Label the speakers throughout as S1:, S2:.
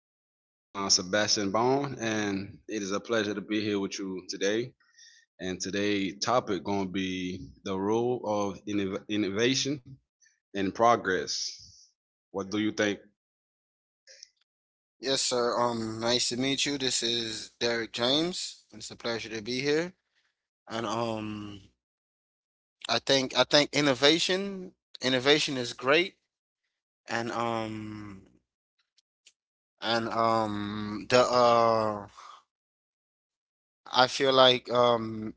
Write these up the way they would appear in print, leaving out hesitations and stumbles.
S1: name is Sebastian Bond, and it is a pleasure to be here with you today. And today' topic going to be the role of innovation and progress. What do you think?
S2: Yes, sir. Nice to meet you. This is Derek James. It's a pleasure to be here. And I think innovation is great. And um, and the I feel like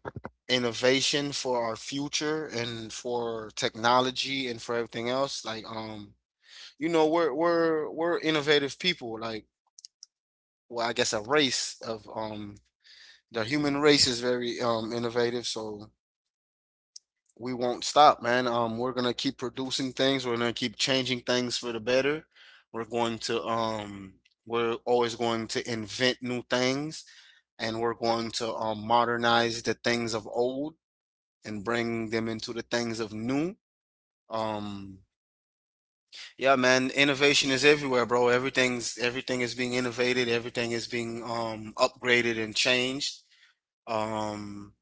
S2: innovation for our future and for technology and for everything else. We're innovative people. I guess a race of the human race is very innovative, so we won't stop, man. We're gonna keep producing things. We're gonna keep changing things for the better. We're going to um, we're always going to invent new things, and we're going to modernize the things of old and bring them into the things of new. Um, yeah, man, innovation is everywhere, bro. Everything is being innovated. Everything is being upgraded and changed. Um,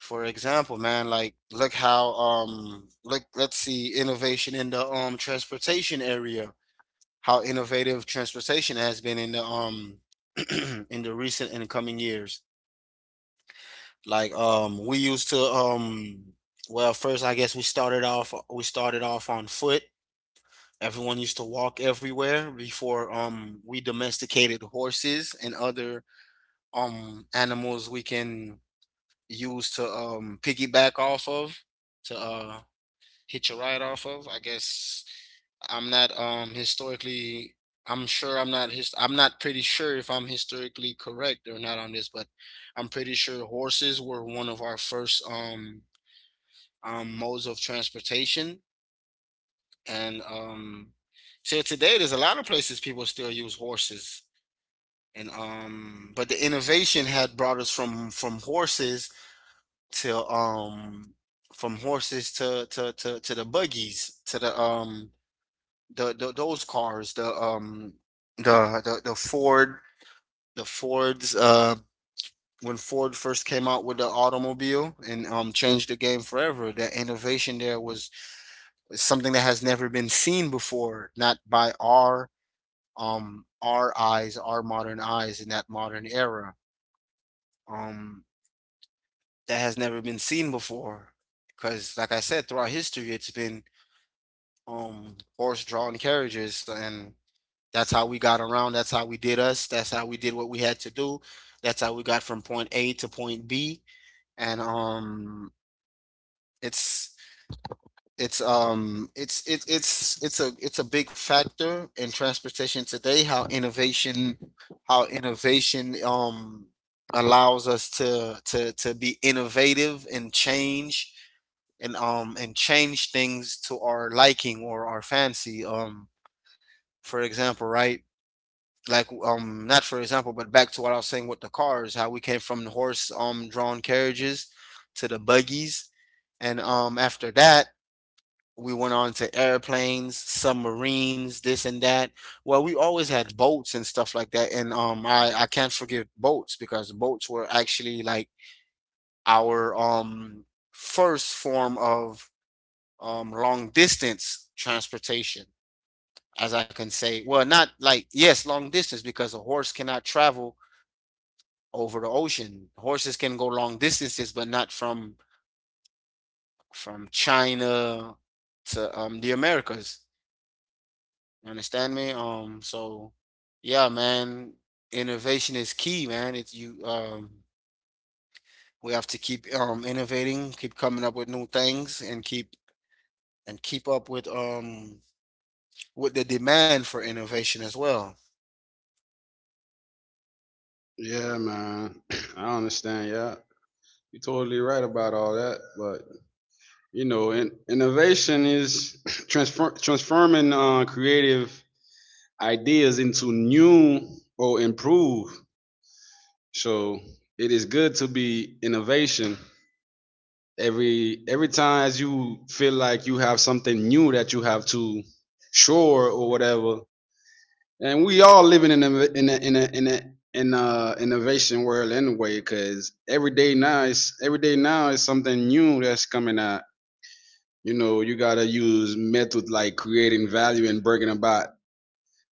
S2: For example, man, like look how look let's see innovation in the transportation area. How innovative transportation has been in the in the recent and coming years. We used to first I guess we started off on foot. Everyone used to walk everywhere before we domesticated horses and other animals we can use to piggyback off of, to hit your ride off of. I guess I'm not um historically I'm not pretty sure if I'm historically correct or not on this, but I'm pretty sure horses were one of our first modes of transportation, and till today there's a lot of places people still use horses. And But the innovation had brought us from horses to from horses to the buggies to the the those cars, the Ford, the Ford's when Ford first came out with the automobile and changed the game forever. The innovation there was something that has never been seen before, not by our eyes, our modern eyes in that modern era. Um that has never been seen before. Because like I said, throughout history it's been horse drawn carriages, and that's how we got around. That's how we did us. That's how we did what we had to do. That's how we got from point A to point B. And it's it's it, it's a It's a big factor in transportation today. How innovation allows us to be innovative and change, and change things to our liking or our fancy. For example, right, not for example, but back to what I was saying with the cars, how we came from the horse drawn carriages to the buggies. And After that, we went on to airplanes, submarines, this and that. Well, we always had boats and stuff like that, and I can't forget boats, because boats were actually like our first form of long distance transportation, as I can say. Well, not like, yes, long distance, because a horse cannot travel over the ocean. Horses can go long distances, but not from China to the Americas. You understand me? So yeah, man, innovation is key, man. It's you We have to keep innovating, keep coming up with new things, and keep up with the demand for innovation as well.
S1: Yeah, man. I understand. Yeah, you're totally right about all that. But you know, innovation is transforming creative ideas into new or improved. So it is good to be innovation every time as you feel like you have something new that you have to shore or whatever, and we all living in a in a innovation world anyway, because every day now is something new that's coming out. You know, you gotta use method like creating value and bringing about,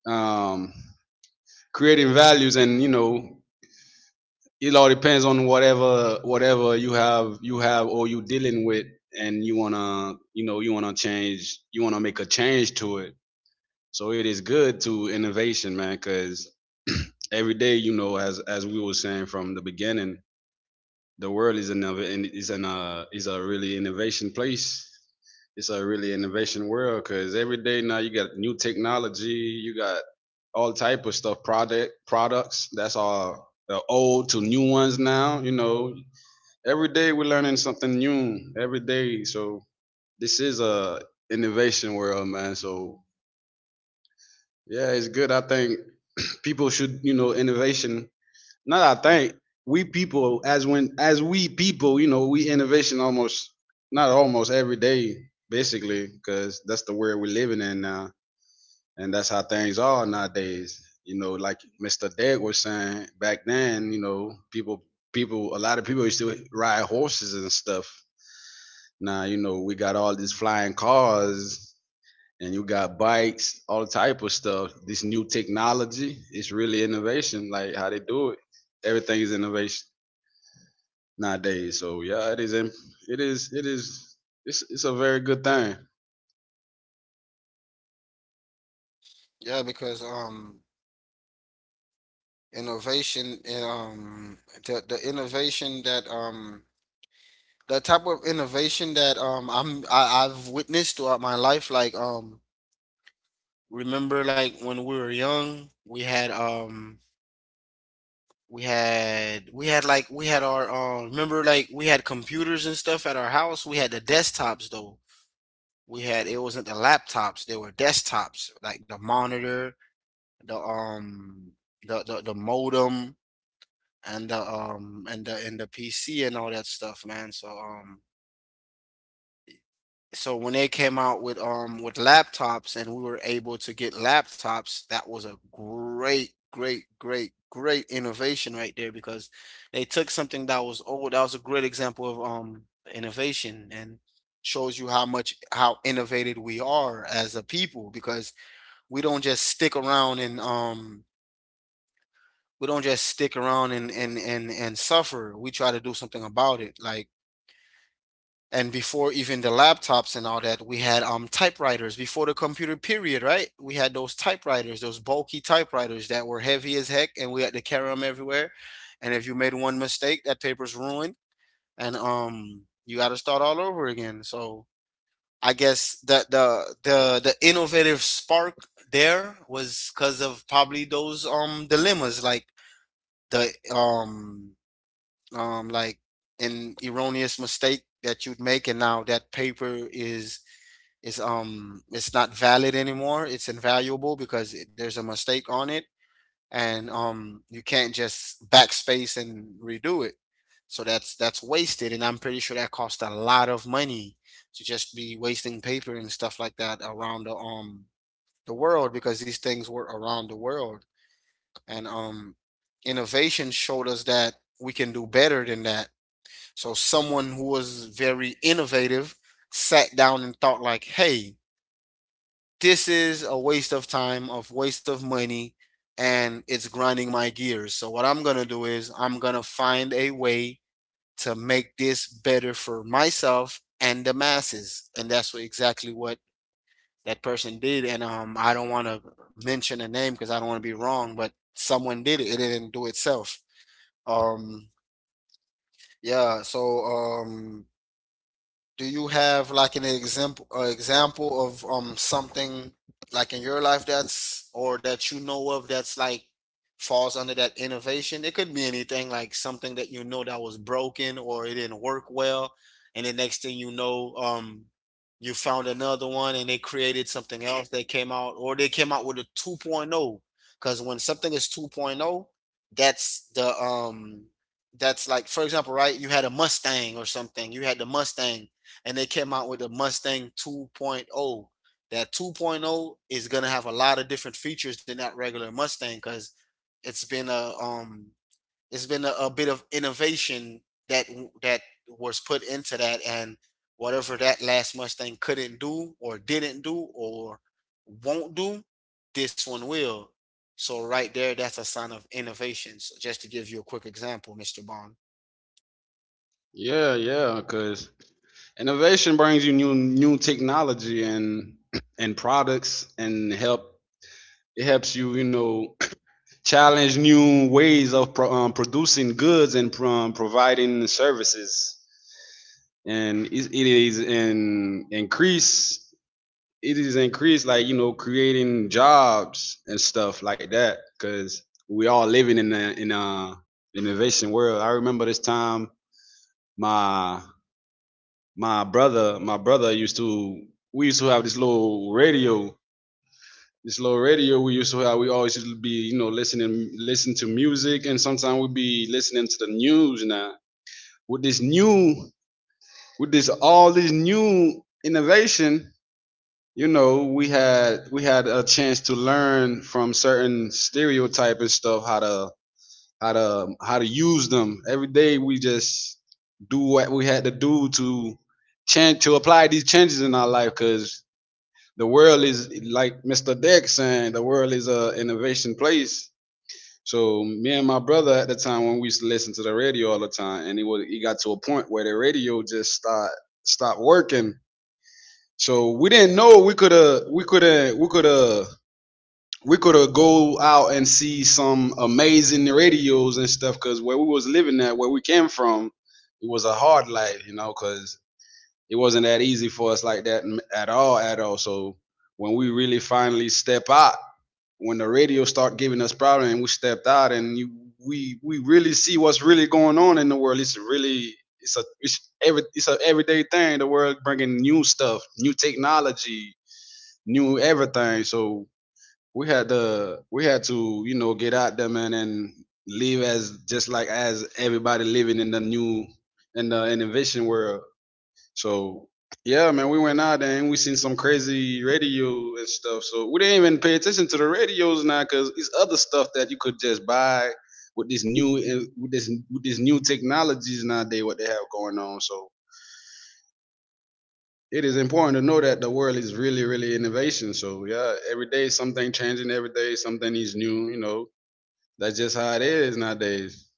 S1: um creating values, and you know it all depends on whatever you have, or you dealing with, and you wanna, you know, you wanna change, you wanna make a change to it. So it is good to innovation, man, because every day, you know, as we were saying from the beginning, the world is another and is an is a really innovation place. It's a really innovation world because every day now you got new technology, you got all type of stuff, product products. That's all the old to new ones now. You know, every day we're learning something new every day. So this is a innovation world, man. So yeah, it's good. I think people should, you know, innovation. Not I think we people as when as we people, you know, we innovation almost, not almost every day, basically, because that's the world we're living in now, and that's how things are nowadays. You know, like Mr. Deg was saying back then, you know, people, people, a lot of people used to ride horses and stuff. Now, you know, we got all these flying cars, and you got bikes, all type of stuff. This new technology, it's really innovation. Like how they do it, everything is innovation nowadays. So yeah, it is. It is. It is. It's a very good thing.
S2: Yeah, because innovation and the innovation that the type of innovation that I've witnessed throughout my life, like remember like when we were young, we had we had our remember like we had computers and stuff at our house. We had the desktops though. We had It wasn't the laptops, they were desktops, like the monitor, the um the modem, and the PC and all that stuff, man. So when they came out with laptops and we were able to get laptops, that was a great, great, great, great innovation right there, because they took something that was old. That was a great example of innovation, and shows you how much how innovative we are as a people, because we don't just stick around, and we don't just stick around and suffer. We try to do something about it. Like, and before even the laptops and all that, we had typewriters before the computer period, right? We had those typewriters, those bulky typewriters that were heavy as heck, and we had to carry them everywhere. And if you made one mistake, that paper's ruined, and you got to start all over again. So I guess the innovative spark there was because of probably those dilemmas, like the like an erroneous mistake that you'd make, and now that paper is it's not valid anymore. It's invaluable because it- there's a mistake on it, and you can't just backspace and redo it. So that's wasted, and I'm pretty sure that cost a lot of money to just be wasting paper and stuff like that around the world, because these things were around the world, and innovation showed us that we can do better than that. So someone who was very innovative sat down and thought like, "Hey, this is a waste of time, of waste of money, and it's grinding my gears. So what I'm going to do is I'm going to find a way to make this better for myself and the masses." And that's what, exactly what that person did. And I don't want to mention a name because I don't want to be wrong, but someone did it. It didn't do itself. Um yeah, so um do you have like an example, example of something like in your life that's, or that you know of, that's like falls under that innovation? It could be anything, like something that you know that was broken or it didn't work well, and the next thing you know, you found another one and they created something else, they came out, or they came out with a 2.0. Because when something is 2.0, that's the um that's like, for example, right, you had a Mustang or something, you had the Mustang, and they came out with the Mustang 2.0. That 2.0 is gonna have a lot of different features than that regular Mustang, because it's been a um it's been a bit of innovation that that was put into that, and whatever that last Mustang couldn't do or didn't do or won't do, this one will. So right there, that's a sign of innovation. So just to give you a quick example, Mr. Bond.
S1: Yeah, yeah, cause innovation brings you new technology and products and help, it helps you, you know, challenge new ways of producing goods and, providing services, and it is an increase, it is increased, like, you know, creating jobs and stuff like that, because we all living in a innovation world. I remember this time, my my brother, used to, we used to have this little radio, this little radio we used to have, we always used to be, you know, listening, listen to music, and sometimes we'd be listening to the news. Now with this new, with this, all this new innovation, you know, we had a chance to learn from certain stereotype and stuff, how to, how to use them every day. We just do what we had to do to change, to apply these changes in our life, because the world is, like Mr. Deck saying, the world is a innovation place. So me and my brother, at the time when we used to listen to the radio all the time, and it was, it got to a point where the radio just start, stopped working. So we didn't know, we could have we could have we could have we could have go out and see some amazing radios and stuff, because where we was living at, where we came from, it was a hard life, you know, because it wasn't that easy for us like that at all, at all. So when we really finally step out, when the radio start giving us problems and we stepped out, and we really see what's really going on in the world. It's really, it's a, it's a everyday thing. The world bringing new stuff, new technology, new everything. So we had to, you know, get out there, man, and live as just like as everybody living in the new, in the innovation world. So yeah, man, we went out there and we seen some crazy radio and stuff. So we didn't even pay attention to the radios now, because it's other stuff that you could just buy with this new, with this new technologies nowadays, what they have going on. So it is important to know that the world is really really innovation. So yeah, every day something changing, every day something is new. You know, that's just how it is nowadays.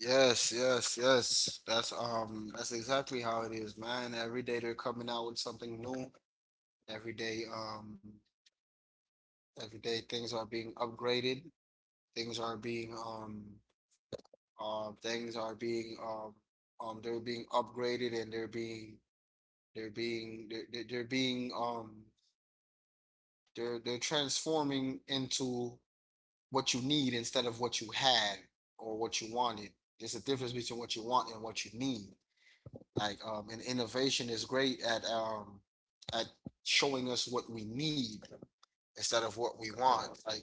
S2: Yes, yes, yes. That's exactly how it is, man. Every day they're coming out with something new. Every day, um, every day things are being upgraded. Things are being um Things are being they're being they're being they're they're they're being um they're transforming into what you need instead of what you had or what you wanted. There's a difference between what you want and what you need. Like, and innovation is great at showing us what we need instead of what we want. Like,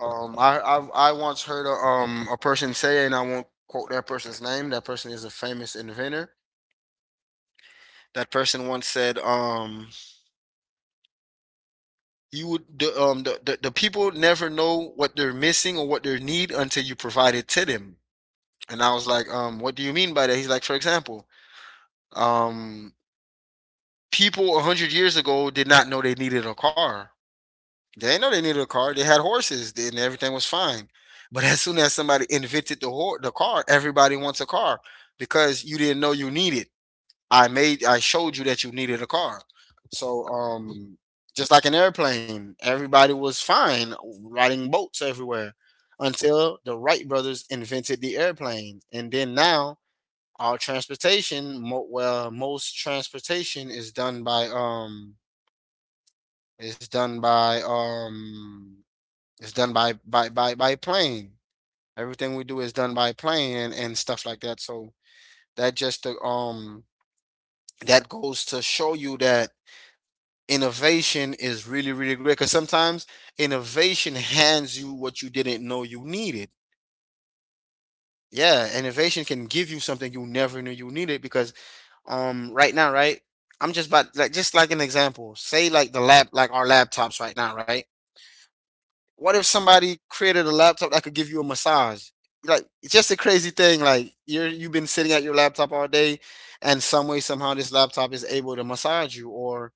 S2: I once heard a person say, and I won't quote that person's name. That person is a famous inventor. That person once said, you would, the people never know what they're missing or what they need until you provide it to them. And I was like, what do you mean by that? He's like, for example, um, people 100 years ago did not know they needed a car. They didn't know they needed a car. They had horses, and everything was fine. But as soon as somebody invented the the car, everybody wants a car, because you didn't know you needed. I showed you that you needed a car. So just like an airplane, everybody was fine riding boats everywhere until the Wright brothers invented the airplane, and then now our transportation, well, most transportation is done by is done by um it's done by plane. Everything we do is done by plane and stuff like that. So that just to, that goes to show you that innovation is really really great. Because sometimes innovation hands you what you didn't know you needed. Yeah, innovation can give you something you never knew you needed. Because right now, right, I'm just about like just like an example. Say like the lap like our laptops right now, right? What if somebody created a laptop that could give you a massage? Like it's just a crazy thing. Like you've been sitting at your laptop all day, and some way somehow this laptop is able to massage you, or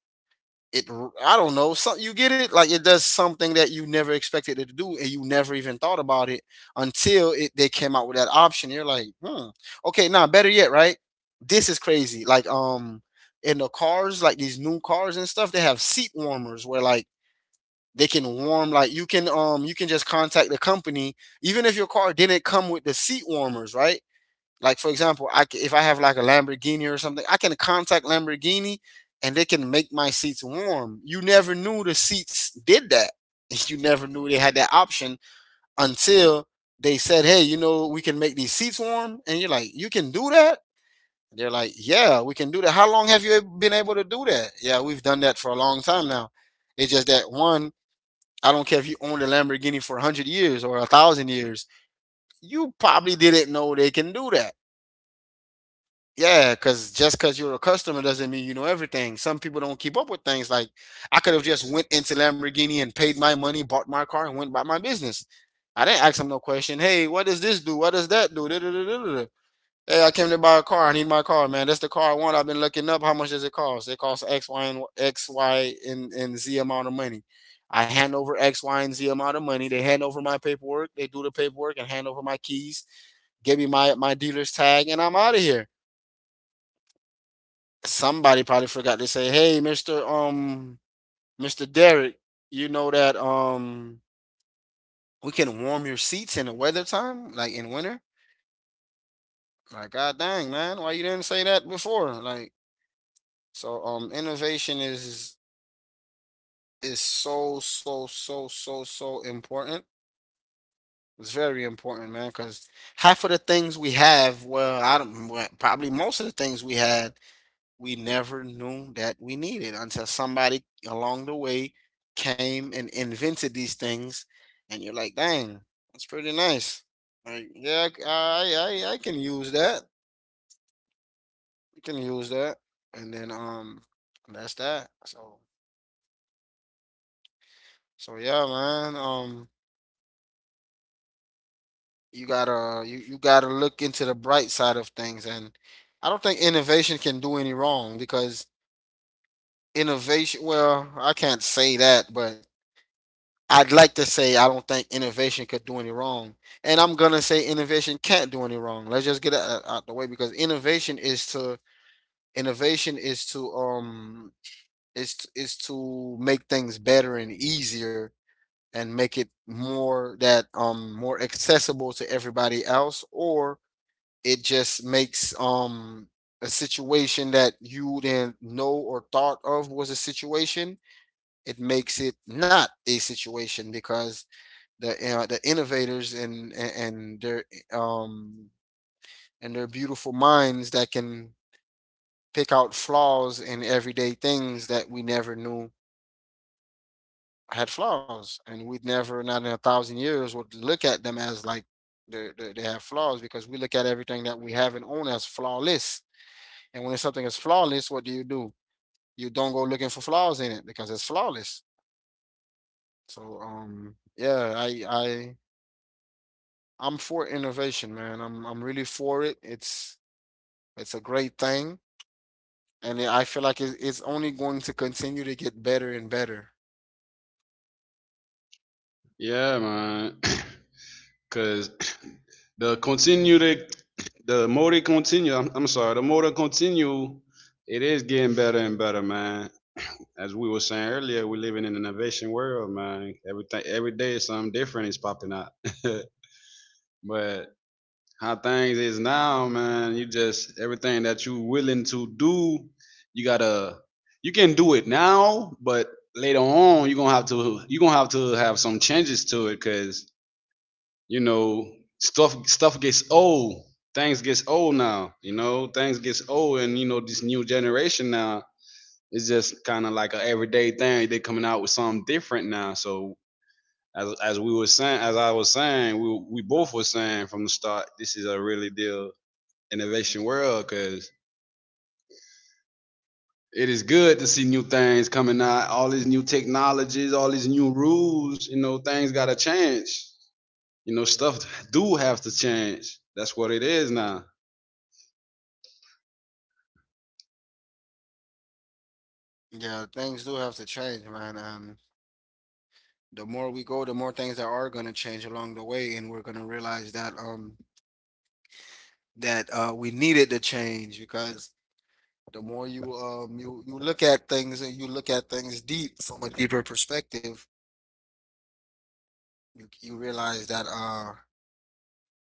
S2: I don't know. So you get it. Like it does something that you never expected it to do, and you never even thought about it until it they came out with that option. You're like, hmm, okay, now better yet, right? This is crazy. In the cars, like these new cars and stuff, they have seat warmers where like they can warm, like you can just contact the company even if your car didn't come with the seat warmers, right? Like, for example, if I have like a Lamborghini or something, I can contact Lamborghini and they can make my seats warm. You never knew the seats did that. You never knew they had that option until they said, "Hey, you know we can make these seats warm?" And you're like, "You can do that?" They're like, "Yeah, we can do that." "How long have you been able to do that?" "Yeah, we've done that for a long time now. It's just that one." I don't care if you owned a Lamborghini for 100 years or 1,000 years, you probably didn't know they can do that. Yeah, because just because you're a customer doesn't mean you know everything. Some people don't keep up with things. Like, I could have just went into Lamborghini and paid my money, bought my car, and went about my business. I didn't ask them no question. Hey, what does this do? What does that do? Da da da da da. Hey, I came to buy a car. I need my car, man. That's the car I want. I've been looking up. How much does it cost? It costs X, Y, and X, Y, and Z amount of money. I hand over X, Y, and Z amount of money. They hand over my paperwork. They do the paperwork and hand over my keys. Give me my dealer's tag, and I'm out of here. Somebody probably forgot to say, "Hey, Mister Mister Derek, you know that we can warm your seats in the weather time, like in winter." Like, god dang, man, why you didn't say that before? Like, innovation is so, so, so, so, so important. It's very important, man, because half of the things we have, well, I don't, well, probably most of the things we had, we never knew that we needed until somebody along the way came and invented these things, and you're like, dang, that's pretty nice. Like, yeah, I can use that. I can use that, and then that's that. So, so yeah, man. You gotta you gotta look into the bright side of things, and I don't think innovation can do any wrong because innovation, well, I can't say that, but I'd like to say I don't think innovation could do any wrong. And I'm gonna say innovation can't do any wrong. Let's just get it out the way, because innovation is to innovation is to um is to make things better and easier, and make it more that more accessible to everybody else, or it just makes a situation that you didn't know or thought of was a situation. It makes it not a situation because the innovators and their um and their beautiful minds that can pick out flaws in everyday things that we never knew had flaws, and we'd never, not in a thousand years, would look at them as like they they have flaws, because we look at everything that we have and own as flawless. And when something is flawless, what do? You don't go looking for flaws in it because it's flawless. So yeah, I I'm for innovation, man. I'm really for it. It's a great thing, and I feel like it's only going to continue to get better and better.
S1: Yeah, man. Cause the continue to the more they continue, I'm sorry, the more they continue, it is getting better and better, man. As we were saying earlier, we're living in an innovation world, man. Everything, every day something different is popping out. But how things is now, man, you just, everything that you willing to do, you gotta, you can do it now, but later on you're gonna have to have some changes to it, because, you know, stuff gets old, things gets old now. You know, things gets old, and you know, this new generation now is just kind of like a everyday thing, they coming out with something different now. So as I was saying, we both were saying from the start, this is a really deal innovation world, because it is good to see new things coming out, all these new technologies, all these new rules. You know, things gotta change, you know, stuff do have to change. That's what it is now.
S2: Yeah, things do have to change, man. And the more we go, the more things that are going to change along the way, and we're going to realize that we needed the change, because the more you you look at things and you look at things deep, from a deeper perspective, you realize that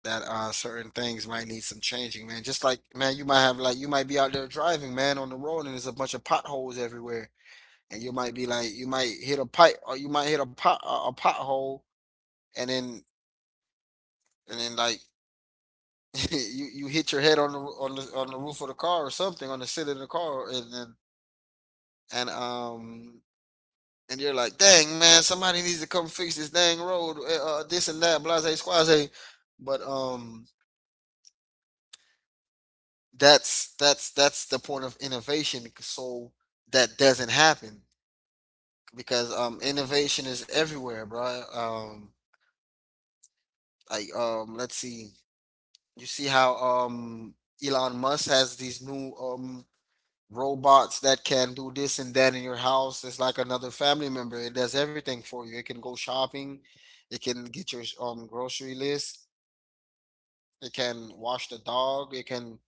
S2: certain things might need some changing, man. Just like, man, you might have like you might be out there driving, man, on the road, and there's a bunch of potholes everywhere, and you might be like you might hit a pipe, or you might hit a a pothole, and then and then like you hit your head on the roof of the car or something, on the seat of the car, and then and um and you're like, dang, man, somebody needs to come fix this dang road, this and that, blase, squase. But That's that's the point of innovation. So that doesn't happen because innovation is everywhere, bro. Let's see, you see how Elon Musk has these new robots that can do this and that in your house. It's like another family member. It does everything for you. It can go shopping. It can get your grocery list. It can wash the dog.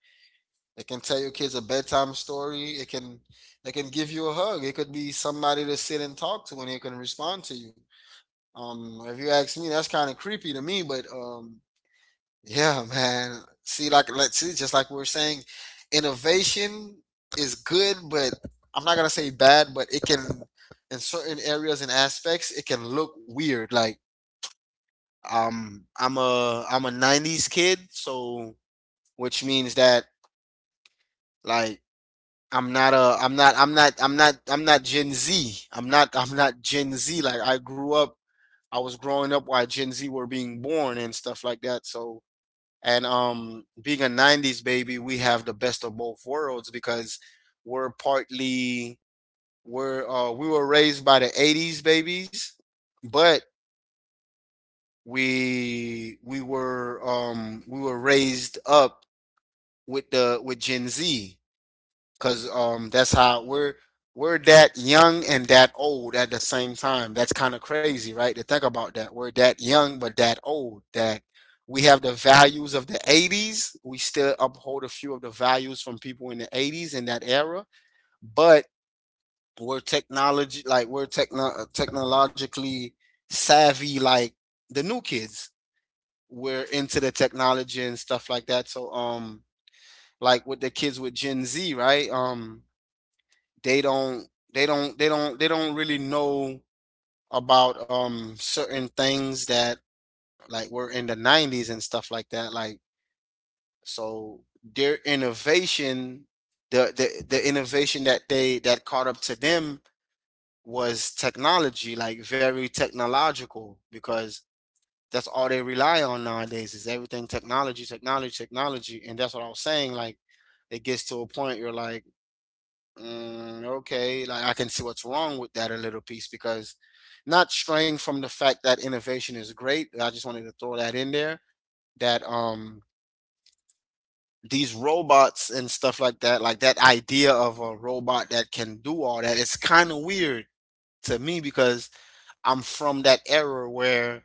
S2: It can tell your kids a bedtime story. It can give you a hug. It could be somebody to sit and talk to, and it can respond to you. If you ask me, that's kind of creepy to me. But Yeah, man. See, like, let's see, just like we we're saying, innovation is good, but I'm not gonna say bad, but it can, in certain areas and aspects, it can look weird. I'm a 90s kid, so which means that, like, I'm not Gen Z. I'm not Gen Z. Like, I grew up, I was growing up while Gen Z were being born and stuff like that. So, and being a 90s baby, we have the best of both worlds, because we're partly we were raised by the 80s babies, but we were raised up with Gen Z. Cause That's how we're that young and that old at the same time. That's kind of crazy, right? To think about that. We're that young but that old. That we have the values of the 80s. We still uphold a few of the values from people in the 80s in that era, but we're technology, like we're technologically savvy like the new kids. We're into the technology and stuff like that. So like with the kids with Gen Z, right? They don't they don't really know about certain things that like were in the 90s and stuff like that, like, so their innovation, the innovation that they, that caught up to them, was technology, like very technological, because that's all they rely on nowadays, is everything technology, technology, technology. And that's what I was saying, like, it gets to a point you're like, mm, okay, like I can see what's wrong with that a little piece, because not straying from the fact that innovation is great. I just wanted to throw that in there, that these robots and stuff like that idea of a robot that can do all that, it's kind of weird to me because I'm from that era where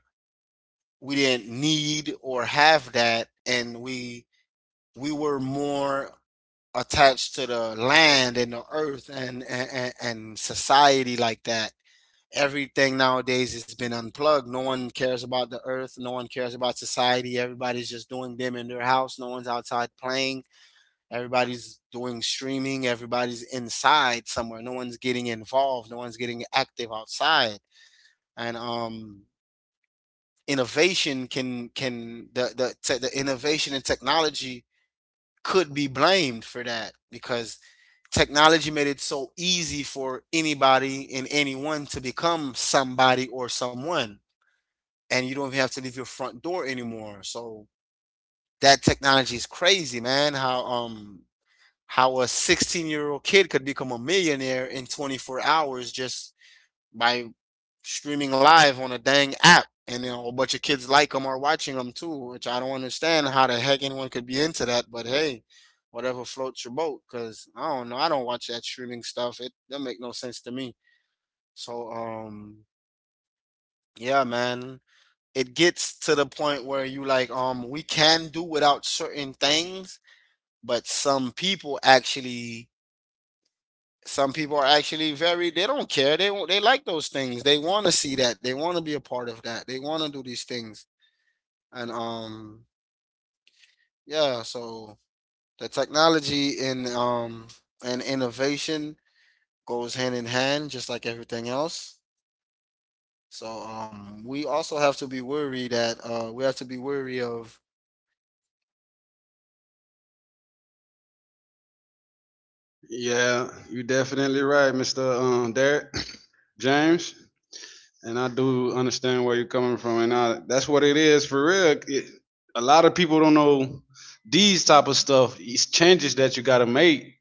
S2: we didn't need or have that, and we were more attached to the land and the earth, and society like that. Everything nowadays has been unplugged. No one cares about the earth. No one cares about society. Everybody's just doing them in their house. No one's outside playing. Everybody's doing streaming. Everybody's inside somewhere. No one's getting involved. No one's getting active outside. And Innovation can the innovation and technology could be blamed for that, because technology made it so easy for anybody and anyone to become somebody or someone, and you don't even have to leave your front door anymore. So that technology is crazy, man, how a 16-year-old kid could become a millionaire in 24 hours just by streaming live on a dang app, and then a bunch of kids like them are watching them too, which I don't understand how the heck anyone could be into that. But hey, whatever floats your boat, because I don't know, I don't watch that streaming stuff. It don't make no sense to me. So um, yeah, man, it gets to the point where you like, we can do without certain things, but some people actually. Some people are actually very, they don't care. They like those things. They want to see that. They want to be a part of that. They want to do these things, and yeah, so the technology and innovation goes hand in hand just like everything else.
S1: Yeah, you definitely right, Mr. Derek James, and I do understand where you're coming from, and I, that's what it is for real. It, a lot of people don't know these type of stuff, these changes that you gotta make.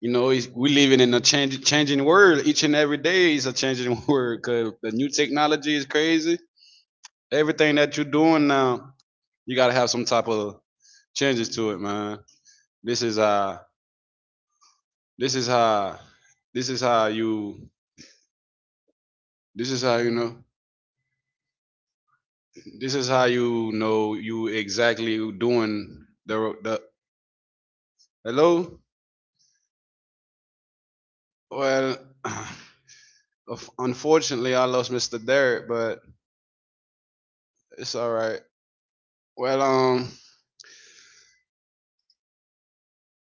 S1: You know, it's, we living in a change, changing world. Each and every day is a changing world, because the new technology is crazy. Everything that you're doing now, you gotta have some type of changes to it, man. This is uh, this is how, this is how you, this is how you know, you exactly doing the hello. Well, unfortunately, I lost Mr. Derek, but it's all right. Well,